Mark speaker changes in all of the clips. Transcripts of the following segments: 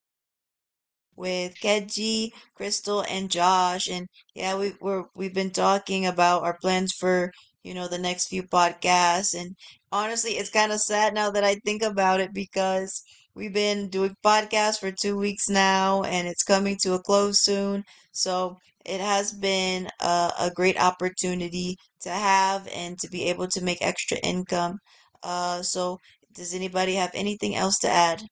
Speaker 1: podcast with Kedji, Crystal, and Josh. And yeah, we've been talking about our plans for the next few podcasts. And honestly, it's kind of sad now that I think about it because we've been doing podcasts for 2 weeks now, and it's coming to a close soon. So it has been a great opportunity to have and to be able to make extra income. So does anybody have anything else to add?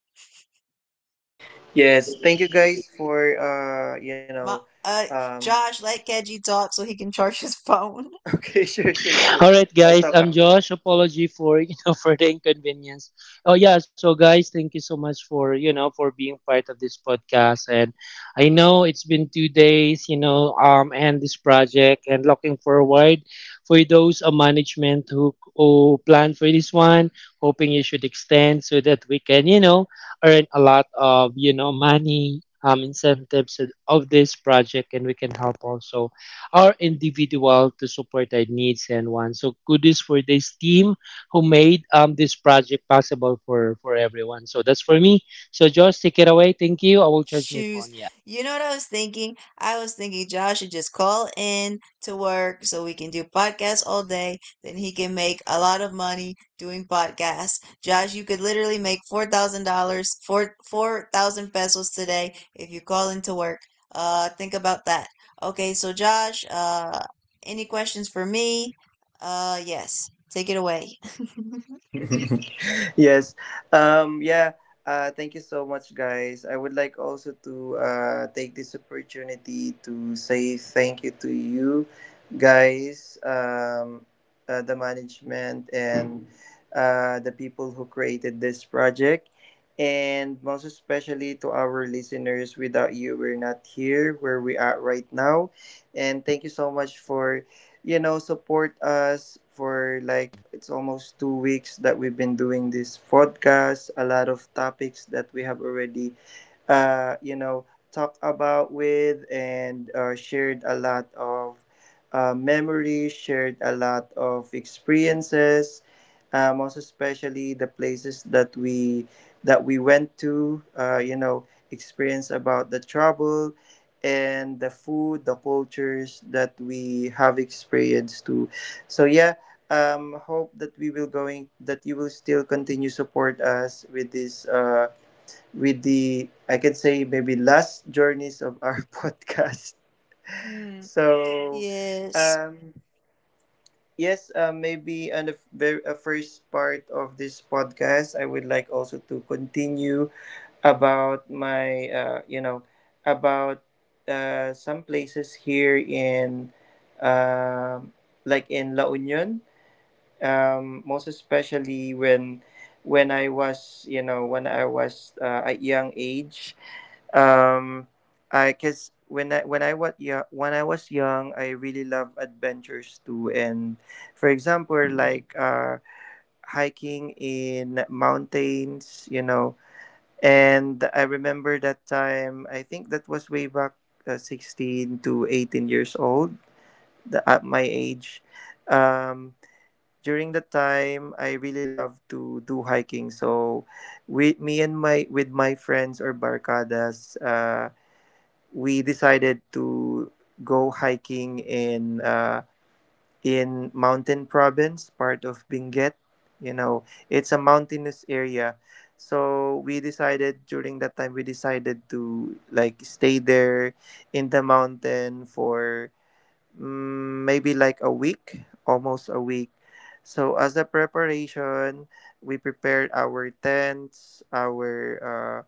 Speaker 2: Yes, thank you guys for
Speaker 1: My, uh,
Speaker 2: um
Speaker 1: Josh, let Keji talk so he can charge his phone.
Speaker 2: okay, sure, sure, sure,
Speaker 3: All right,
Speaker 2: I'll
Speaker 3: guys.
Speaker 2: talk
Speaker 3: I'm Josh. Apology for for the inconvenience. Oh yeah. So guys, thank you so much for you know for being part of this podcast. And I know it's been 2 days, and this project, and looking forward for those management who plan for this one, hoping you should extend so that we can earn a lot of money. Incentives of this project, and we can help also or individual to support our needs and wants. So kudos for this team who made this project possible for everyone. So that's for me. So Josh, take it away. Thank you. I will charge my
Speaker 1: Shoes.
Speaker 3: phone. Yeah.
Speaker 1: You know what I was thinking? I was thinking Josh should just call in to work so we can do podcasts all day. Then he can make a lot of money doing podcasts. Josh, you could literally make $4,000, four thousand pesos today if you call into work. Think about that. Okay, so Josh, any questions for me? Yes. Take it away.
Speaker 2: yes. Um, yeah. Thank you so much, guys. I would like also to take this opportunity to say thank you to you, guys, the management, and the people who created this project. And most especially to our listeners, without you, we're not here where we are right now. And thank you so much for support us for like it's almost 2 weeks that we've been doing this podcast, a lot of topics that we have already uh, you know talked about with, and shared a lot of memories, shared a lot of experiences, most especially the places that we went to, experience about the trouble and the food, the cultures that we have experienced too. So yeah, hope that we will going that you will still continue support us with this with the I can say maybe last journeys of our podcast.
Speaker 1: mm,
Speaker 2: So,
Speaker 1: yes.
Speaker 2: um, yes, maybe on the very first part of this podcast, I would like also to continue about my you know about some places here in um like in La Union, most especially when I was at young age. um, I guess when I was young, I really love adventures too. And for example, like hiking in mountains, you know. And I remember that time. I think that was way back, 16 to 18 years old, the, at my age. Um, during that time, I really love to do hiking. So, with me and my with my friends or barcadas. We decided to go hiking in Mountain Province, part of Benguet. You know, it's a mountainous area. So we decided during that time we decided to like stay there in the mountain for maybe like a week, almost a week. So as a preparation, we prepared our tents,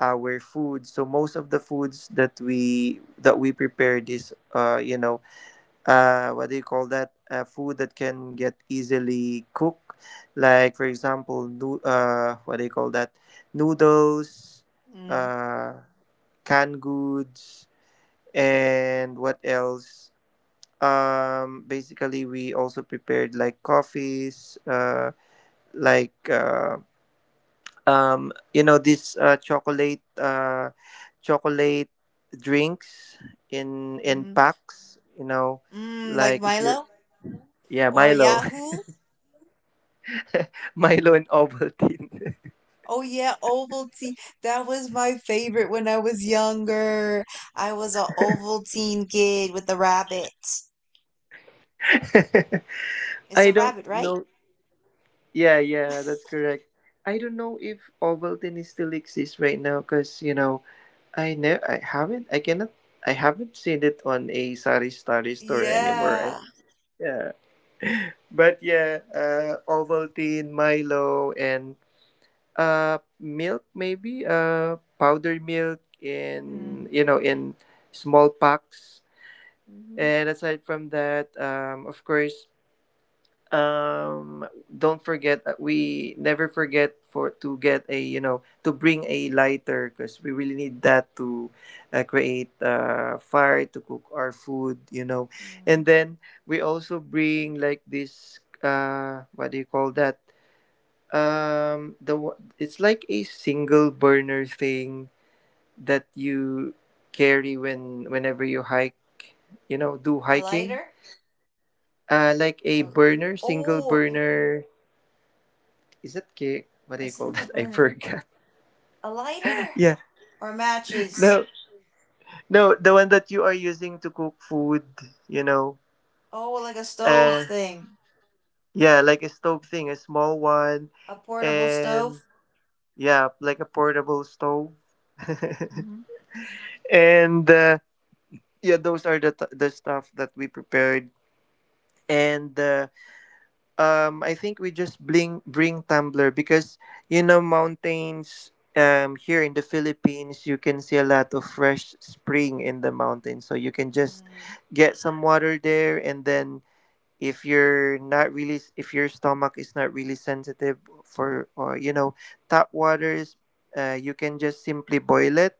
Speaker 2: our food. So most of the foods that we prepared is what do you call that, food that can get easily cooked, like for example no, what do you call that, noodles,
Speaker 1: Mm,
Speaker 2: uh canned goods, and what else. Basically we also prepared like coffees, like uh these chocolate, chocolate drinks in
Speaker 1: mm-hmm.
Speaker 2: packs, you know,
Speaker 1: Like
Speaker 2: like if you're
Speaker 1: Milo?
Speaker 2: yeah
Speaker 1: Or
Speaker 2: Milo
Speaker 1: Yahoo?
Speaker 2: Milo and Ovaltine
Speaker 1: Oh yeah, Ovaltine. That was my favorite when I was younger. I was a Ovaltine kid with a rabbit. It's
Speaker 2: I
Speaker 1: a
Speaker 2: don't
Speaker 1: rabbit, right?
Speaker 2: know yeah yeah that's correct I don't know if Ovaltine still exists right now because you know I know I haven't I cannot I haven't seen it on a sari starry store anymore.
Speaker 1: Yeah.
Speaker 2: Yeah but yeah Ovaltine, Milo, and milk, maybe powdered milk in
Speaker 1: Mm,
Speaker 2: you know in small packs.
Speaker 1: hmm
Speaker 2: And aside from that, of course, don't forget, we never forget for to get a you know to bring a lighter because we really need that to create fire to cook our food, you know. And
Speaker 1: mm.
Speaker 2: then we also bring like this what do you call that, the it's like a single burner thing that you carry when whenever you hike, you know, do
Speaker 1: A
Speaker 2: hiking.
Speaker 1: lighter?
Speaker 2: Like a
Speaker 1: A,
Speaker 2: burner, single
Speaker 1: oh,
Speaker 2: burner. Is that cake? What do
Speaker 1: a
Speaker 2: you call
Speaker 1: single
Speaker 2: that? I
Speaker 1: burner.
Speaker 2: forgot.
Speaker 1: A lighter?
Speaker 2: Yeah,
Speaker 1: Or matches?
Speaker 2: no, no, the one that you are using to cook food. You know,
Speaker 1: Oh, like a stove
Speaker 2: uh,
Speaker 1: thing.
Speaker 2: yeah, like a stove thing, a small one,
Speaker 1: A portable
Speaker 2: and
Speaker 1: stove?
Speaker 2: yeah, like a portable stove.
Speaker 1: Mm-hmm.
Speaker 2: And yeah, those are the the stuff that we prepared. And I think we just bring tumbler because you know mountains, here in the Philippines, you can see a lot of fresh spring in the mountains, so you can just
Speaker 1: Mm-hmm.
Speaker 2: get some water there. And then if you're not really, if your stomach is not really sensitive for or you know tap waters, you can just simply boil it.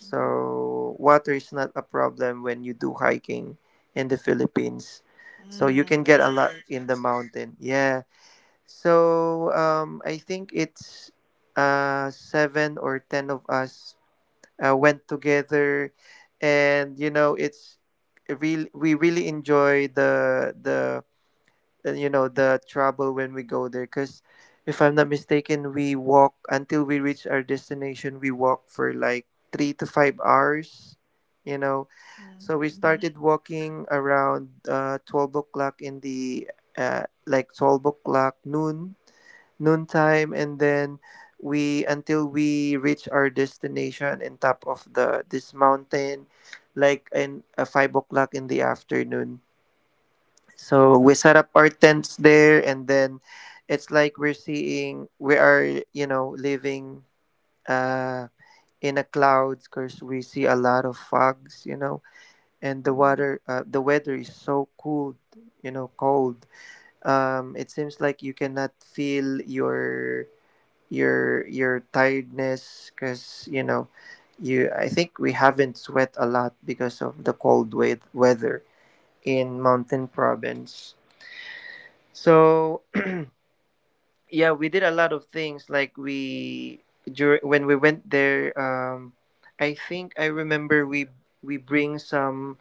Speaker 1: Mm, mhm.
Speaker 2: water is not a problem when you do hiking in the Philippines. So you can get a
Speaker 1: That's
Speaker 2: lot
Speaker 1: good.
Speaker 2: in the mountain. Yeah. So I think it's 7 or 10 of us went together, and you know it's real. We really enjoy the you know the trouble when we go there, because if I'm not mistaken, we walk until we reach our destination, we walk for like 3 to 5 hours, you know. So we
Speaker 1: Mm-hmm.
Speaker 2: started walking around 12 o'clock in the like 12 o'clock noon noontime. And then we until we reach our destination in top of the this mountain like in 5 o'clock in the afternoon. So we set up our tents there, and then it's like we're seeing we are you know living uh in a clouds because we see a lot of fogs, you know, and the
Speaker 1: Mm-hmm.
Speaker 2: water the weather is so cool, you know, cold. It seems like you cannot feel your tiredness because you know you I think we haven't sweat a lot because of the cold weather in Mountain Province. So yeah, we did a lot of things like we during when we went there, I think I remember we bring some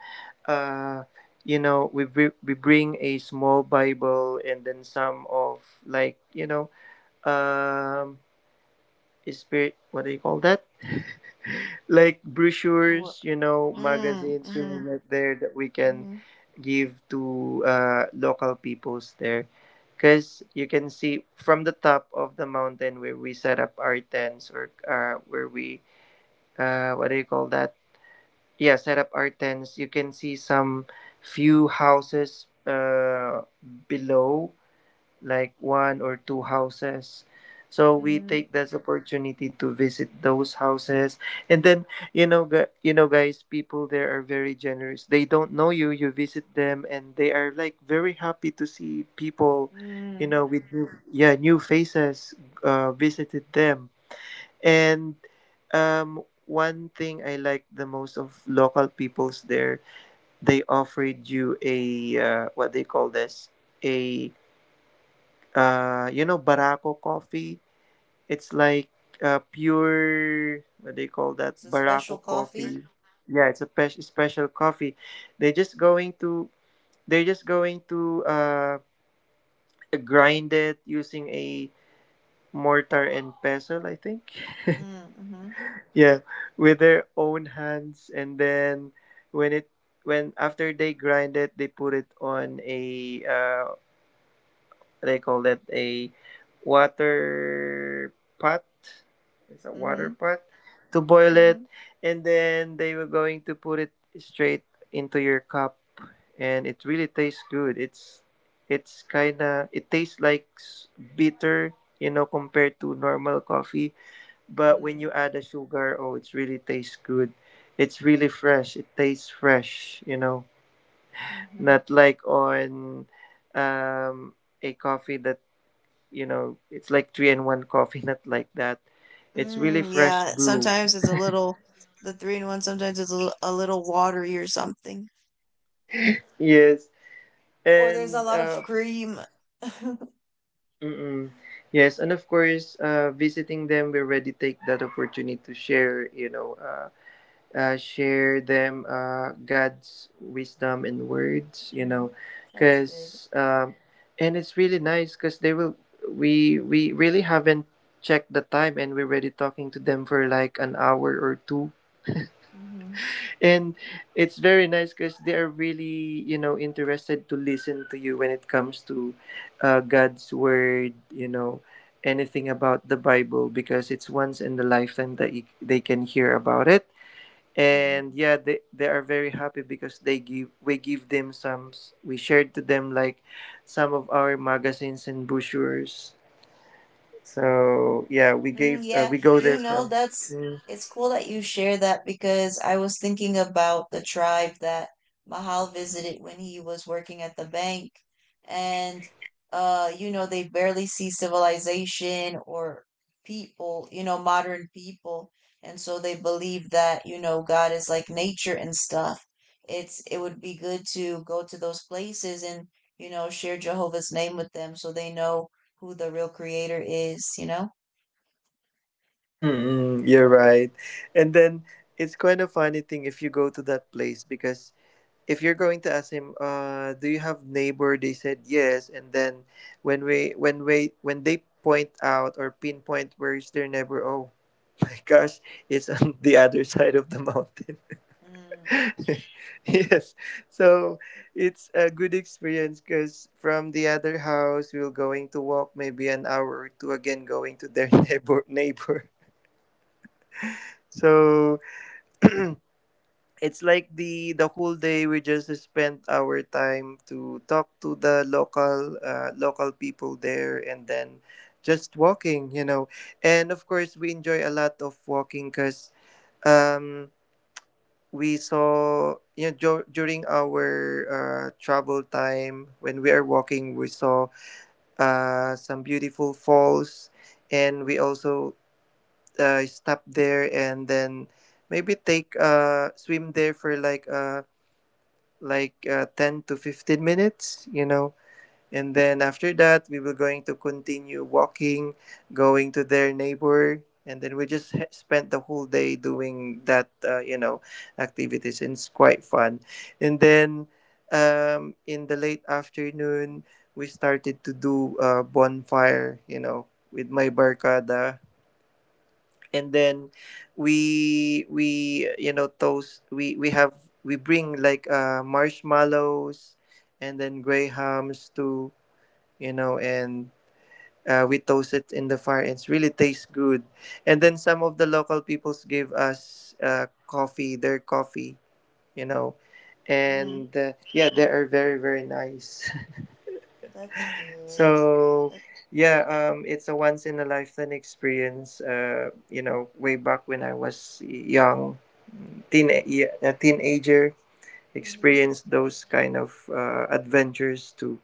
Speaker 2: uh we bring a small Bible, and then some of like um spirit, what do you call that, like brochures, you know,
Speaker 1: Mm,
Speaker 2: magazines, we
Speaker 1: mm-hmm,
Speaker 2: will get there that we can
Speaker 1: mm-hmm,
Speaker 2: give to local peoples there. Because you can see from the top of the mountain where we set up our tents or where we what do you call that, yeah, set up our tents, you can see some few houses below, like one or two houses. So we
Speaker 1: mm-hmm,
Speaker 2: take this opportunity to visit those houses. And then you know, you know, guys, people there are very generous. They don't know you. You visit them, and they are like very happy to see people, you know,
Speaker 1: mm.
Speaker 2: with new, yeah, new faces visited them. And one thing I like the most of local peoples there, they offered you a what they call this a you know Barako coffee. It's like pure what they call that
Speaker 1: It's a special
Speaker 2: Barako
Speaker 1: coffee.
Speaker 2: coffee, yeah, it's a special coffee. they're just going to they're just going to grind it using a mortar and pestle, I think,
Speaker 1: Mm, mm-hmm,
Speaker 2: yeah, with their own hands. And then when it when after they grind it, they put it on a they call it a water pot. It's a water
Speaker 1: mm-hmm,
Speaker 2: pot to boil it,
Speaker 1: mm-hmm,
Speaker 2: and then they were going to put it straight into your cup, and it really tastes good. It's kind of it tastes like bitter, you know, compared to normal coffee. But when you
Speaker 1: mm,
Speaker 2: add the sugar, oh, it really tastes good. It's really fresh. It tastes fresh, you know,
Speaker 1: mm-hmm.
Speaker 2: not like on um, a coffee that you know, it's like three and one coffee, not like that. It's really
Speaker 1: Mm,
Speaker 2: fresh
Speaker 1: yeah,
Speaker 2: brew.
Speaker 1: sometimes it's a little, the three in one, sometimes it's a little watery or something.
Speaker 2: Yes,
Speaker 1: Or there's a
Speaker 2: and
Speaker 1: lot of cream.
Speaker 2: mm-mm. yes, and of course, visiting them, we already take that opportunity to share, you know, share them God's wisdom and words, you know,
Speaker 1: Mm, that's good.
Speaker 2: because and it's really nice because they will. We really haven't checked the time, and we're already talking to them for like an hour or 2.
Speaker 1: Mm-hmm,
Speaker 2: And it's very nice because they are really, you know, interested to listen to you when it comes to God's word, you know, anything about the Bible, because it's once in the lifetime that they can hear about it. And
Speaker 1: mm-hmm.
Speaker 2: yeah, they are very happy because they give we give them some we shared to them like some of our magazines and brochures. So yeah, we
Speaker 1: Mm,
Speaker 2: gave
Speaker 1: yeah,
Speaker 2: we go there from.
Speaker 1: that's
Speaker 2: mm.
Speaker 1: it's cool that you share that because I was thinking about the tribe that Mahal visited when he was working at the bank. And they barely see civilization or people, modern people. And so they believe that, God is like nature and stuff. It would be good to go to those places and, share Jehovah's name with them so they know who the real creator is, you know?
Speaker 2: Mm-mm, you're right. And then it's kind of funny thing if you go to that place, because if you're going to ask him, do you have neighbor? They said yes. And then when they point out or pinpoint where is their neighbor, oh my gosh, it's on the other side of the mountain.
Speaker 1: Mm,
Speaker 2: Yes, so it's a good experience because from the other house we're going to walk maybe an hour or 2 again going to their neighbor neighbor. So it's like the whole day we just spent our time to talk to the local local people there, and then just walking, you know. And of course we enjoy a lot of walking because um we saw, you know, during our travel time, when we are walking we saw some beautiful falls, and we also stopped there and then maybe take swim there for like 10 to 15 minutes, you know. And then after that, we were going to continue walking, going to their neighbor. And then we just spent the whole day doing that, you know, activities. And it's quite fun. And then in the late afternoon, we started to do a bonfire, you know, with my barcada. And then we you know toast, we have, we bring like marshmallows and then gray hams too, you know. And we toast it in the fire, it's really tastes good. And then some of the local peoples give us coffee, their coffee, you know.
Speaker 1: mm,
Speaker 2: And yeah, they are very very nice.
Speaker 1: that's good.
Speaker 2: So
Speaker 1: That,
Speaker 2: yeah, it's a once in a lifetime experience, you know, way back when I was young teen, a teenager,
Speaker 1: mhm.
Speaker 2: experience those kind of adventures too.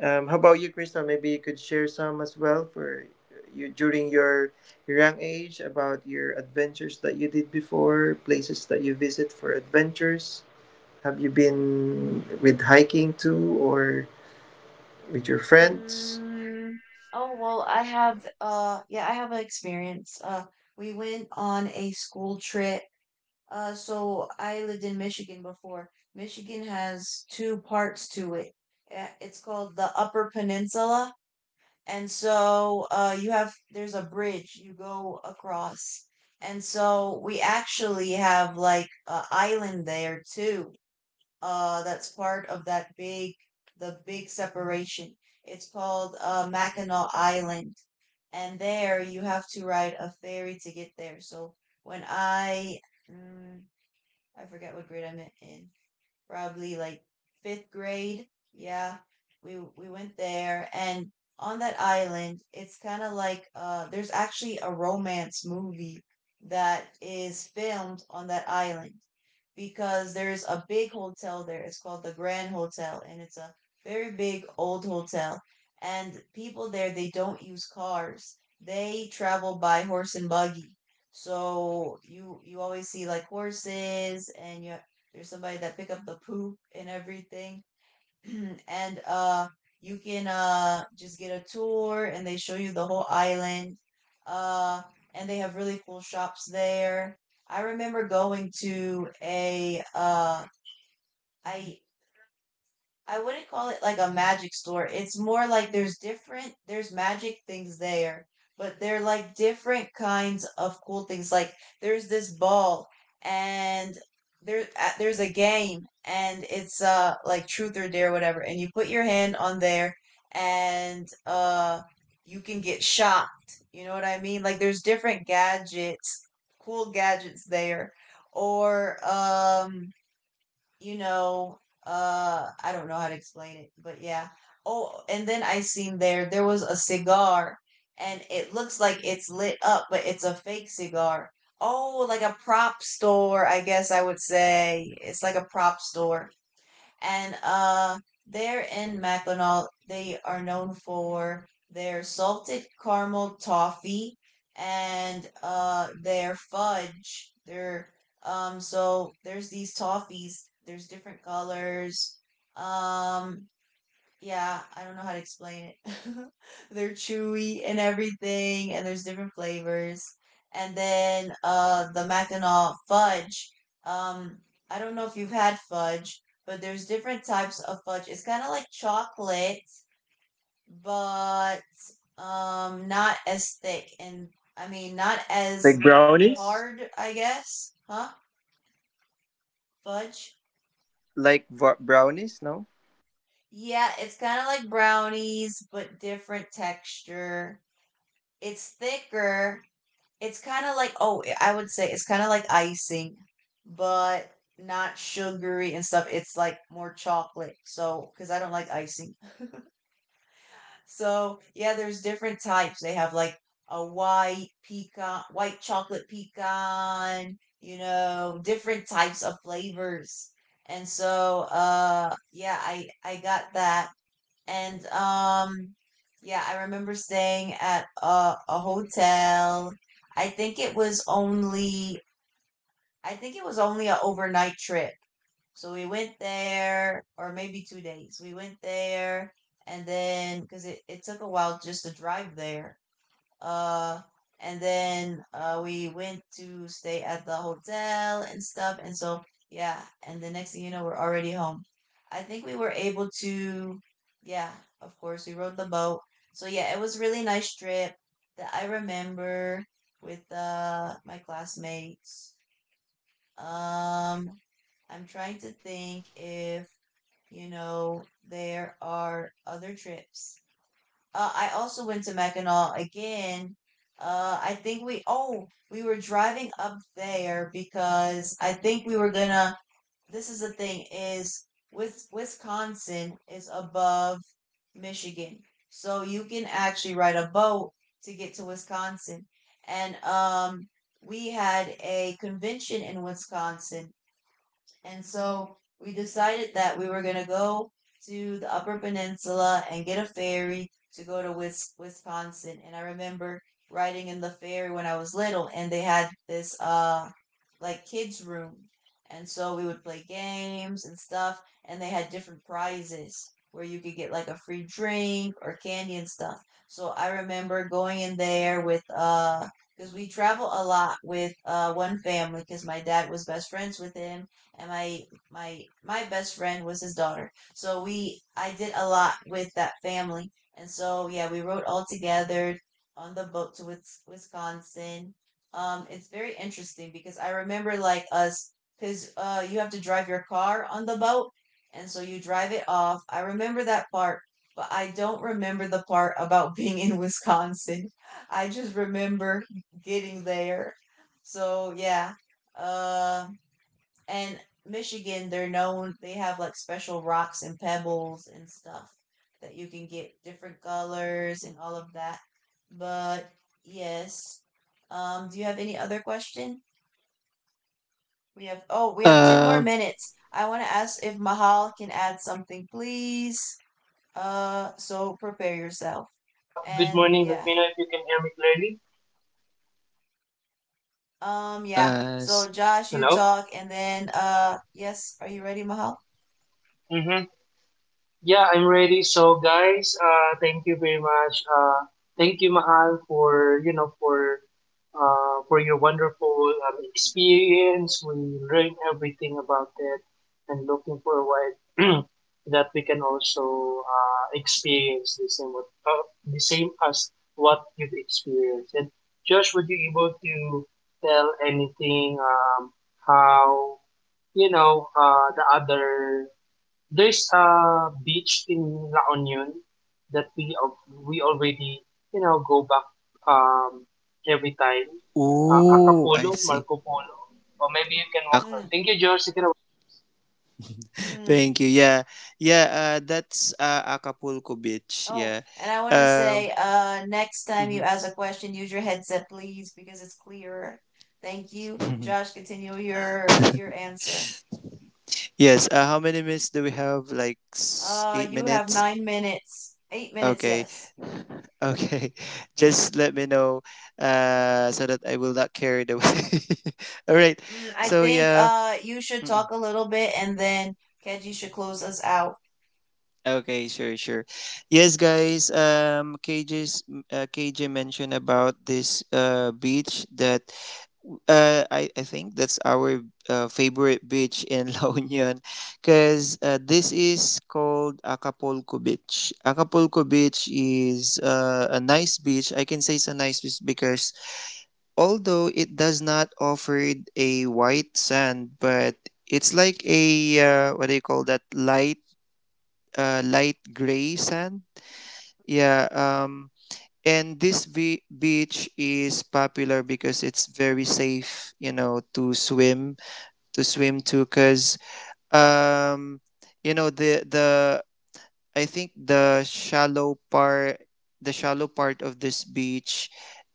Speaker 2: How about you, Crystal? Maybe you could share some as well, for you during your young age, about your adventures that you did before, places that you visit for adventures. Have you been with hiking too, or with your friends?
Speaker 1: Mm, oh, well, I have an experience. We went on a school trip. So I lived in Michigan before. Michigan has two parts to it. It's called the Upper Peninsula. And so you have there's a bridge you go across. And so we actually have like a island there too. That's part of that big the big separation. It's called Mackinac Island, and there you have to ride a ferry to get there. So when I mm, I forget what grade I'm in, probably like fifth grade. Yeah, we went there, and on that island, it's kind of like there's actually a romance movie that is filmed on that island because there's a big hotel there. It's called the Grand Hotel, and it's a very big old hotel. And people there, they don't use cars. They travel by horse and buggy. So you always see like horses, and you there's somebody that pick up the poop and everything. And you can just get a tour, and they show you the whole island. Uh and they have really cool shops there. I remember going to a uh I I wouldn't call it like a magic store. It's more like there's magic things there, but they're like different kinds of cool things. Like there's this ball, and there's a game, and it's like truth or dare whatever, and you put your hand on there, and you can get shocked. You know what I mean? Like there's different gadgets, cool gadgets there, or you know, I don't know how to explain it, but yeah. Oh, and then I seen there was a cigar, and it looks like it's lit up, but it's a fake cigar. Oh, like a prop store, I guess I would say. It's like a prop store, and there in Mackinac, they are known for their salted caramel toffee and their fudge. Their so there's these toffees. There's different colors. Um, yeah, I don't know how to explain it. They're chewy and everything, and there's different flavors. And then the Mackinac fudge. Um, I don't know if you've had fudge, but there's different types of fudge. It's kind of like chocolate, but not as thick, and I mean not as
Speaker 2: Like brownies?
Speaker 1: hard, I guess. Huh? Fudge.
Speaker 2: Like brownies? No.
Speaker 1: Yeah, it's kind of like brownies, but different texture. It's thicker. It's kind of like, oh, I would say it's kind of like icing, but not sugary and stuff. It's like more chocolate. So, because I don't like icing. So, yeah, there's different types. They have like a white pecan, white chocolate pecan, different types of flavors. And so, yeah, I got that. And yeah, I remember staying at a hotel. I think it was only I think it was only an overnight trip. So we went there, or maybe 2 days. We went there, and then cuz it took a while just to drive there. Uh, and then we went to stay at the hotel and stuff. And so, yeah. And the next thing you know, we're already home. I think we were able to, yeah, of course, we rode the boat. So, yeah, it was a really nice trip that I remember with my classmates. Um, I'm trying to think if, you know, there are other trips. I also went to Mackinac again. I think we were driving up there because I think we were gonna. This is the thing is with Wisconsin is above Michigan, so you can actually ride a boat to get to Wisconsin. And we had a convention in Wisconsin, and so we decided that we were going to go to the Upper Peninsula and get a ferry to go to Wisconsin. And I remember riding in the ferry when I was little, and they had this like kids' room. And so we would play games and stuff, and they had different prizes where you could get like a free drink or candy and stuff. So I remember going in there with because we travel a lot with one family because my dad was best friends with him, and my best friend was his daughter. So we I did a lot with that family. And so yeah, we rode all together on the boat to Wisconsin. It's very interesting because I remember, like, us because you have to drive your car on the boat, and so you drive it off. I remember that part, but I don't remember the part about being in Wisconsin. I just remember getting there. So yeah. Uh and Michigan, they have like special rocks and pebbles and stuff that you can get different colors and all of that. But yes, do you have any other question? We have ten more
Speaker 2: Um,
Speaker 1: minutes. I want to ask if Mahal can add something, please. So prepare
Speaker 3: Hi
Speaker 1: yourself.
Speaker 3: guys, good
Speaker 1: And
Speaker 3: morning. Let
Speaker 1: yeah,
Speaker 3: me know if you can hear me clearly.
Speaker 1: yeah.
Speaker 2: as
Speaker 1: So Josh, you
Speaker 3: Hello?
Speaker 1: talk, and then yes, are you ready, Mahal?
Speaker 3: Mm-hmm. Yeah, I'm ready. So, guys, thank you very much. Thank you, Mahal, for your wonderful experience. We learned everything about it, and looking forward that we can also experience the same, what the same as what you've experienced. And Josh, would you able to tell anything how the other There's a beach in La Union that we already go back um, every time.
Speaker 2: Oh, I
Speaker 3: Acapulco,
Speaker 2: see.
Speaker 3: Marco Polo, or maybe you can walk there.
Speaker 2: Ac-
Speaker 1: Mm,
Speaker 3: Thank you, George. You can
Speaker 2: Thank
Speaker 1: mm.
Speaker 2: you. Yeah, yeah. That's Acapulco Beach.
Speaker 1: Oh,
Speaker 2: Yeah.
Speaker 1: and I want to
Speaker 2: Um.
Speaker 1: say, next time you
Speaker 2: Mhm.
Speaker 1: ask a question, use your headset, please, because it's clearer. Thank you. Josh, continue your answer.
Speaker 2: Yes. How many minutes do we have? Like eight
Speaker 1: You have
Speaker 2: minutes.
Speaker 1: 9 minutes, 8 minutes,
Speaker 2: Okay.
Speaker 1: yes.
Speaker 2: Okay. Just let me know. So that I will not carry the. away. All right.
Speaker 1: I
Speaker 2: So
Speaker 1: think
Speaker 2: yeah.
Speaker 1: you should talk a little bit, and then Keji should close us out.
Speaker 2: Okay, sure, sure. Yes, guys. KJ mentioned about this beach that I think that's our favorite beach in La Union, because this is called Acapulco Beach. Acapulco Beach is a nice beach. I can say it's a nice beach because, although it does not offer a white sand, but it's like a what do you call that, light light gray sand, yeah. And this beach is popular because it's very safe, you know, to swim, to swim to. Cause um, you know, the I think the shallow part of this beach,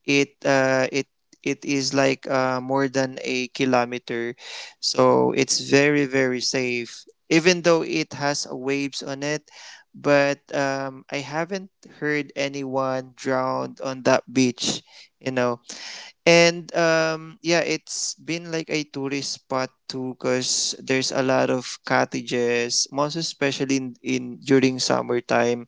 Speaker 2: it uh, it it is like more than a kilometer, so it's very very safe. Even though it has waves on it, but I haven't heard anyone drowned on that beach. You know. And yeah, it's been like a tourist spot too, cause there's a lot of cottages, most especially in during summertime.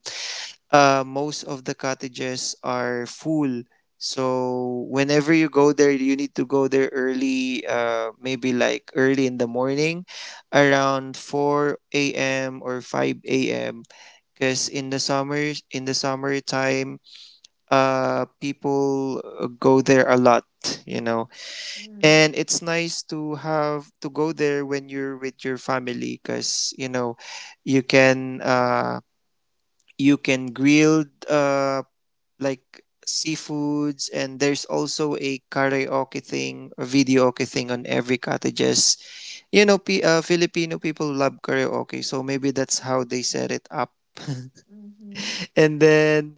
Speaker 2: Most of the cottages are full. So whenever you go there, you need to go there early, maybe like early in the morning, around four a.m. or five a.m. Cause in the summer, in the summertime, people go there a lot. You know.
Speaker 1: Mm,
Speaker 2: And it's nice to have to go there when you're with your family, because you know, you can uh you can grill uh like seafoods, and there's also a karaoke thing, a videoke thing on every cottages, you know. P- filipino people love karaoke, so maybe that's how they set it up.
Speaker 1: mm-hmm,
Speaker 2: And then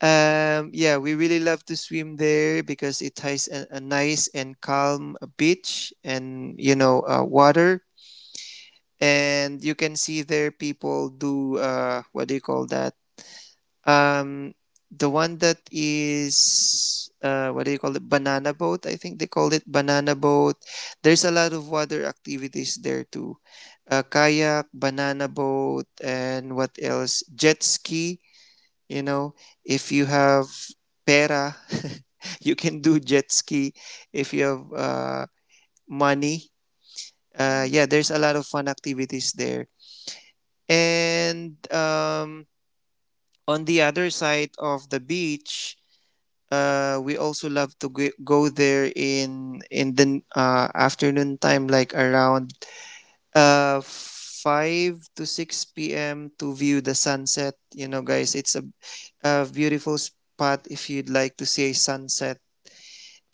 Speaker 2: yeah, we really love to swim there because it has a nice and calm beach, and you know, water, and you can see there people do what do you call that? Um, the one that is what do you call it? Banana boat, I think they call it banana boat. There's a lot of water activities there too, kayak, banana boat, and what else? Jet ski, you know, if you have pera, you can do jet ski. If you have money,
Speaker 1: mm,
Speaker 2: yeah, there's a lot of fun activities there. And on the other side of the beach, we also love to go there in the afternoon time, like around 5 to 6 p.m. to view the sunset. You know, guys, it's a beautiful spot if you'd like to see a sunset.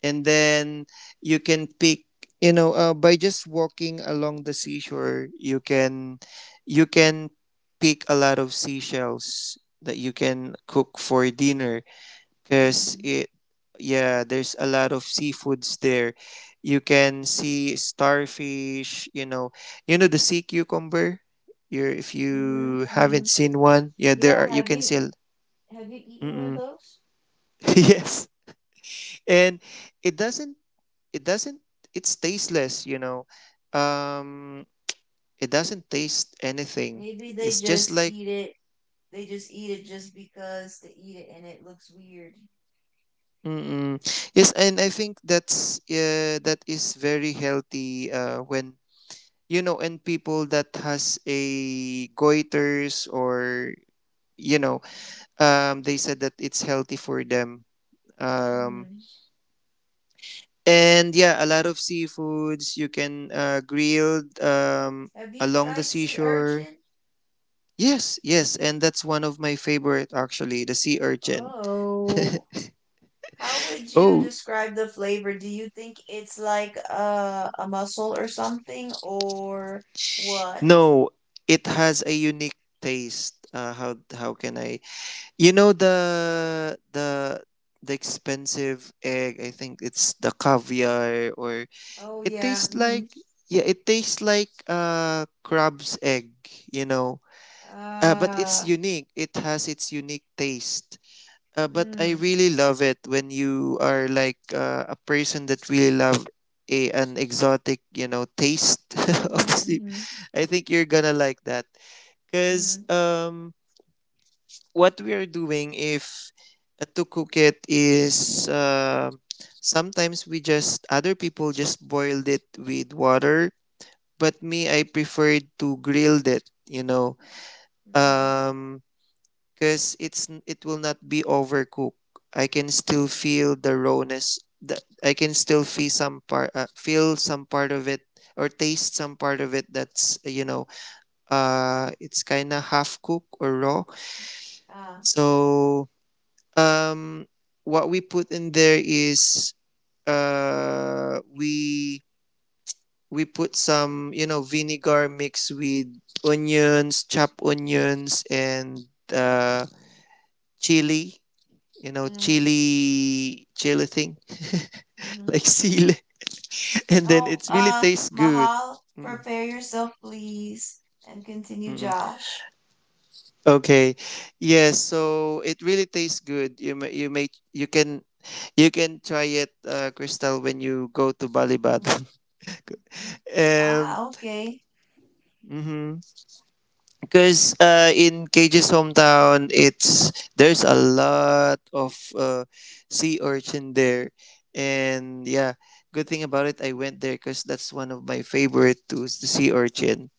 Speaker 2: And then you can pick, you know, by just walking along the seashore, you can you can pick a lot of seashells that you can cook for dinner, because
Speaker 1: mm,
Speaker 2: it, yeah, there's a lot of seafoods there. You can see starfish, you know, you know, the sea cucumber. You're if
Speaker 1: mm-hmm,
Speaker 2: you
Speaker 1: mm-hmm.
Speaker 2: haven't seen one, yeah, there
Speaker 1: Yeah,
Speaker 2: are, you
Speaker 1: have
Speaker 2: can
Speaker 1: you
Speaker 2: see
Speaker 1: have you eaten one of
Speaker 2: Mm-mm.
Speaker 1: those?
Speaker 2: Yes. And it doesn't, it doesn't, it's tasteless, you know. um it doesn't taste anything,
Speaker 1: Maybe they
Speaker 2: it's just
Speaker 1: just
Speaker 2: like
Speaker 1: eat it. They just eat it just because they eat it, and it looks weird.
Speaker 2: mm-mm. Yes. And I think that's, yeah, that is very healthy when, you know, and people that has a goiters, or you know, they said that it's healthy for them. um
Speaker 1: Hmm.
Speaker 2: and yeah, a lot of seafoods you can grilled
Speaker 1: Have you
Speaker 2: along the
Speaker 1: tried sea
Speaker 2: seashore.
Speaker 1: urchin?
Speaker 2: Yes, yes. And that's one of my favorite, actually, the sea urchin.
Speaker 1: Oh. How would you
Speaker 2: Oh
Speaker 1: describe the flavor? Do you think it's like a mussel or something or what?
Speaker 2: no, it has a unique taste. How can I, you know, the expensive egg. I think it's the caviar. Or
Speaker 1: Oh
Speaker 2: it
Speaker 1: yeah.
Speaker 2: tastes
Speaker 1: Mm-hmm.
Speaker 2: like, yeah, it tastes like crab's egg. You know. But it's
Speaker 1: Uh,
Speaker 2: unique. It has its unique taste. But I
Speaker 1: mm,
Speaker 2: really love it. When you are like a person that really love a, an exotic, you know, taste of
Speaker 1: mm-hmm,
Speaker 2: sleep,
Speaker 1: mm-hmm,
Speaker 2: I think you're gonna like that. Because
Speaker 1: mm,
Speaker 2: what we are doing, if to cook it, is sometimes we just, other people just boiled it with water, but me, I preferred to grill it, you know.
Speaker 1: mm-hmm.
Speaker 2: um because it's, it will not be overcooked. I can still feel the rawness, that I can still feel some part of it, or taste some part of it. That's, you know, it's kind of half cooked or raw.
Speaker 1: Uh,
Speaker 2: So um what we put in there is uh we we put some, you know, vinegar mixed with onions, chopped onions, and uh chili, you know,
Speaker 1: mm,
Speaker 2: chili thing
Speaker 1: mm-hmm.
Speaker 2: like chili, and then
Speaker 1: Oh,
Speaker 2: it really tastes good.
Speaker 1: Mahal,
Speaker 2: Mm,
Speaker 1: prepare yourself, please, and
Speaker 2: mm,
Speaker 1: continue,
Speaker 2: mm.
Speaker 1: Josh.
Speaker 2: Okay, yes, so it really tastes good. You may, you may, you can, you can try it, Crystal, when you go to Bali Bath.
Speaker 1: Mm, mm, mm.
Speaker 2: Um,
Speaker 1: Ah, okay.
Speaker 2: mhm. Because in Cage's hometown, it's there's a lot of sea urchin there. And yeah, good thing about it, I went there, because that's one of my favorite too, is the sea urchin.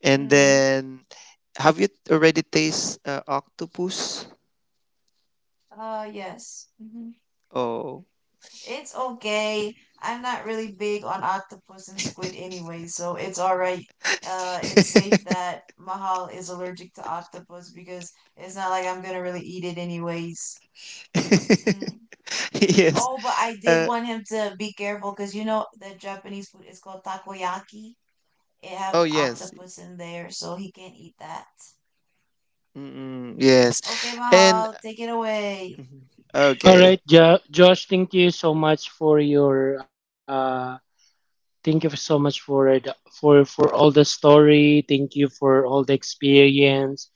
Speaker 2: And
Speaker 1: Mm,
Speaker 2: then, have you already tasted octopus?
Speaker 1: yes. Mm-hmm.
Speaker 2: Oh,
Speaker 1: It's okay. I'm not really big on octopus and squid anyway, so it's alright. It's safe that Mahal is allergic to octopus because it's not like I'm gonna really eat it anyways. Mm.
Speaker 2: yes.
Speaker 1: Oh, but I did
Speaker 2: Uh,
Speaker 1: want him to be careful because you know the Japanese food is called takoyaki. It
Speaker 2: oh
Speaker 1: have
Speaker 2: yes.
Speaker 1: octopus in there, so he can't eat that.
Speaker 2: Mm-mm, yes,
Speaker 1: Okay,
Speaker 2: and
Speaker 1: Mahal, take it away.
Speaker 2: mhm.
Speaker 4: All
Speaker 2: Okay.
Speaker 4: right, Josh, thank you so much for your. Thank you so much for it for all the story. Thank you for all the experience,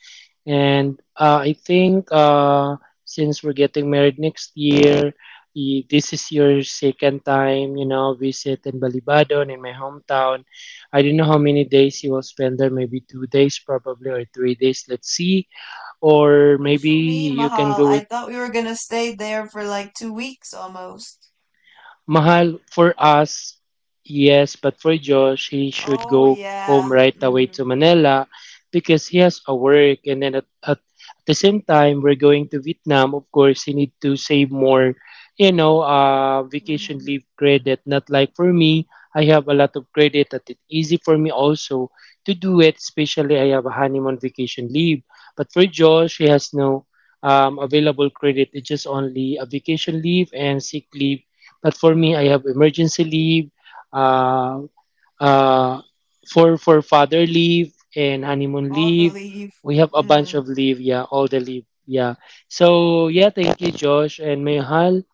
Speaker 4: and I think since we're getting married next year, this is your second time, you know, visit in Balibadon in my hometown. I don't know how many days you will spend there. Maybe 2 days, probably, or 3 days. Let's see, or
Speaker 1: What you
Speaker 4: maybe
Speaker 1: mean,
Speaker 4: you
Speaker 1: Mahal?
Speaker 4: can go
Speaker 1: I
Speaker 4: with
Speaker 1: thought we were gonna stay there for like 2 weeks almost.
Speaker 4: Mahal for us, yes, but for Josh, he should
Speaker 1: Oh
Speaker 4: go home
Speaker 1: yeah.
Speaker 4: right away to
Speaker 1: Mm-hmm.
Speaker 4: Manila because he has a work. And then at the same time, we're going to Vietnam. Of course, he need to save more, you know, vacation
Speaker 1: Mm-hmm.
Speaker 4: leave credit. Not like for me, I have a lot of credit that it's easy for me also to do it, especially I have a honeymoon vacation leave. But for Josh, he has no available credit. It's just only a vacation leave and sick leave, but for me, I have emergency leave, uh, uh, for father leave and honeymoon
Speaker 1: All the
Speaker 4: leave.
Speaker 1: leave.
Speaker 4: We have a bunch
Speaker 1: Mm.
Speaker 4: of leave, yeah, all the leave, yeah. So yeah, thank you, Josh and Mayhal.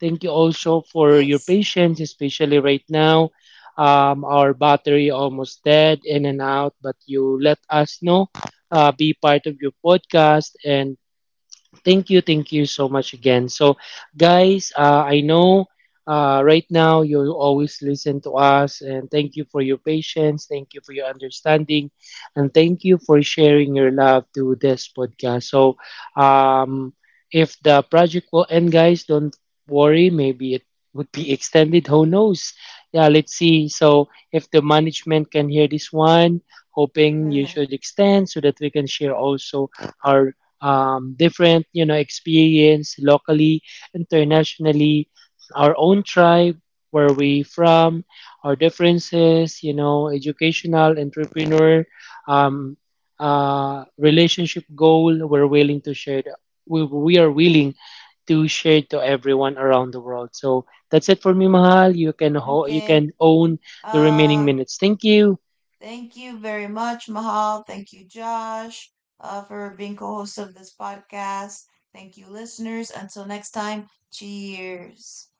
Speaker 4: Thank you also for your
Speaker 1: Yes.
Speaker 4: patience, especially right now. Our battery almost dead in and out, but you let us know, be part of your podcast and thank you, thank you so much again. So, guys, I know right now you always listen to us, and thank you for your patience, thank you for your understanding, and thank you for sharing your love to this podcast. So, um, if the project will end, guys, don't worry, maybe it would be extended. Who knows? Yeah, let's see. So, if the management can hear this one, hoping you
Speaker 1: mm.
Speaker 4: should extend so that we can share also our different, you know, experience locally, internationally, our own tribe where we from, our differences, you know, educational, entrepreneur, um, relationship goal. We're willing to share we are willing to share to everyone around the world. So that's it for me. Mahal, you can you
Speaker 1: Okay.
Speaker 4: can own the remaining
Speaker 1: Uh,
Speaker 4: minutes. Thank you.
Speaker 1: Thank you very much, Mahal. Thank you, Josh, for being co-host of this podcast. Thank you, listeners. Until next time, cheers.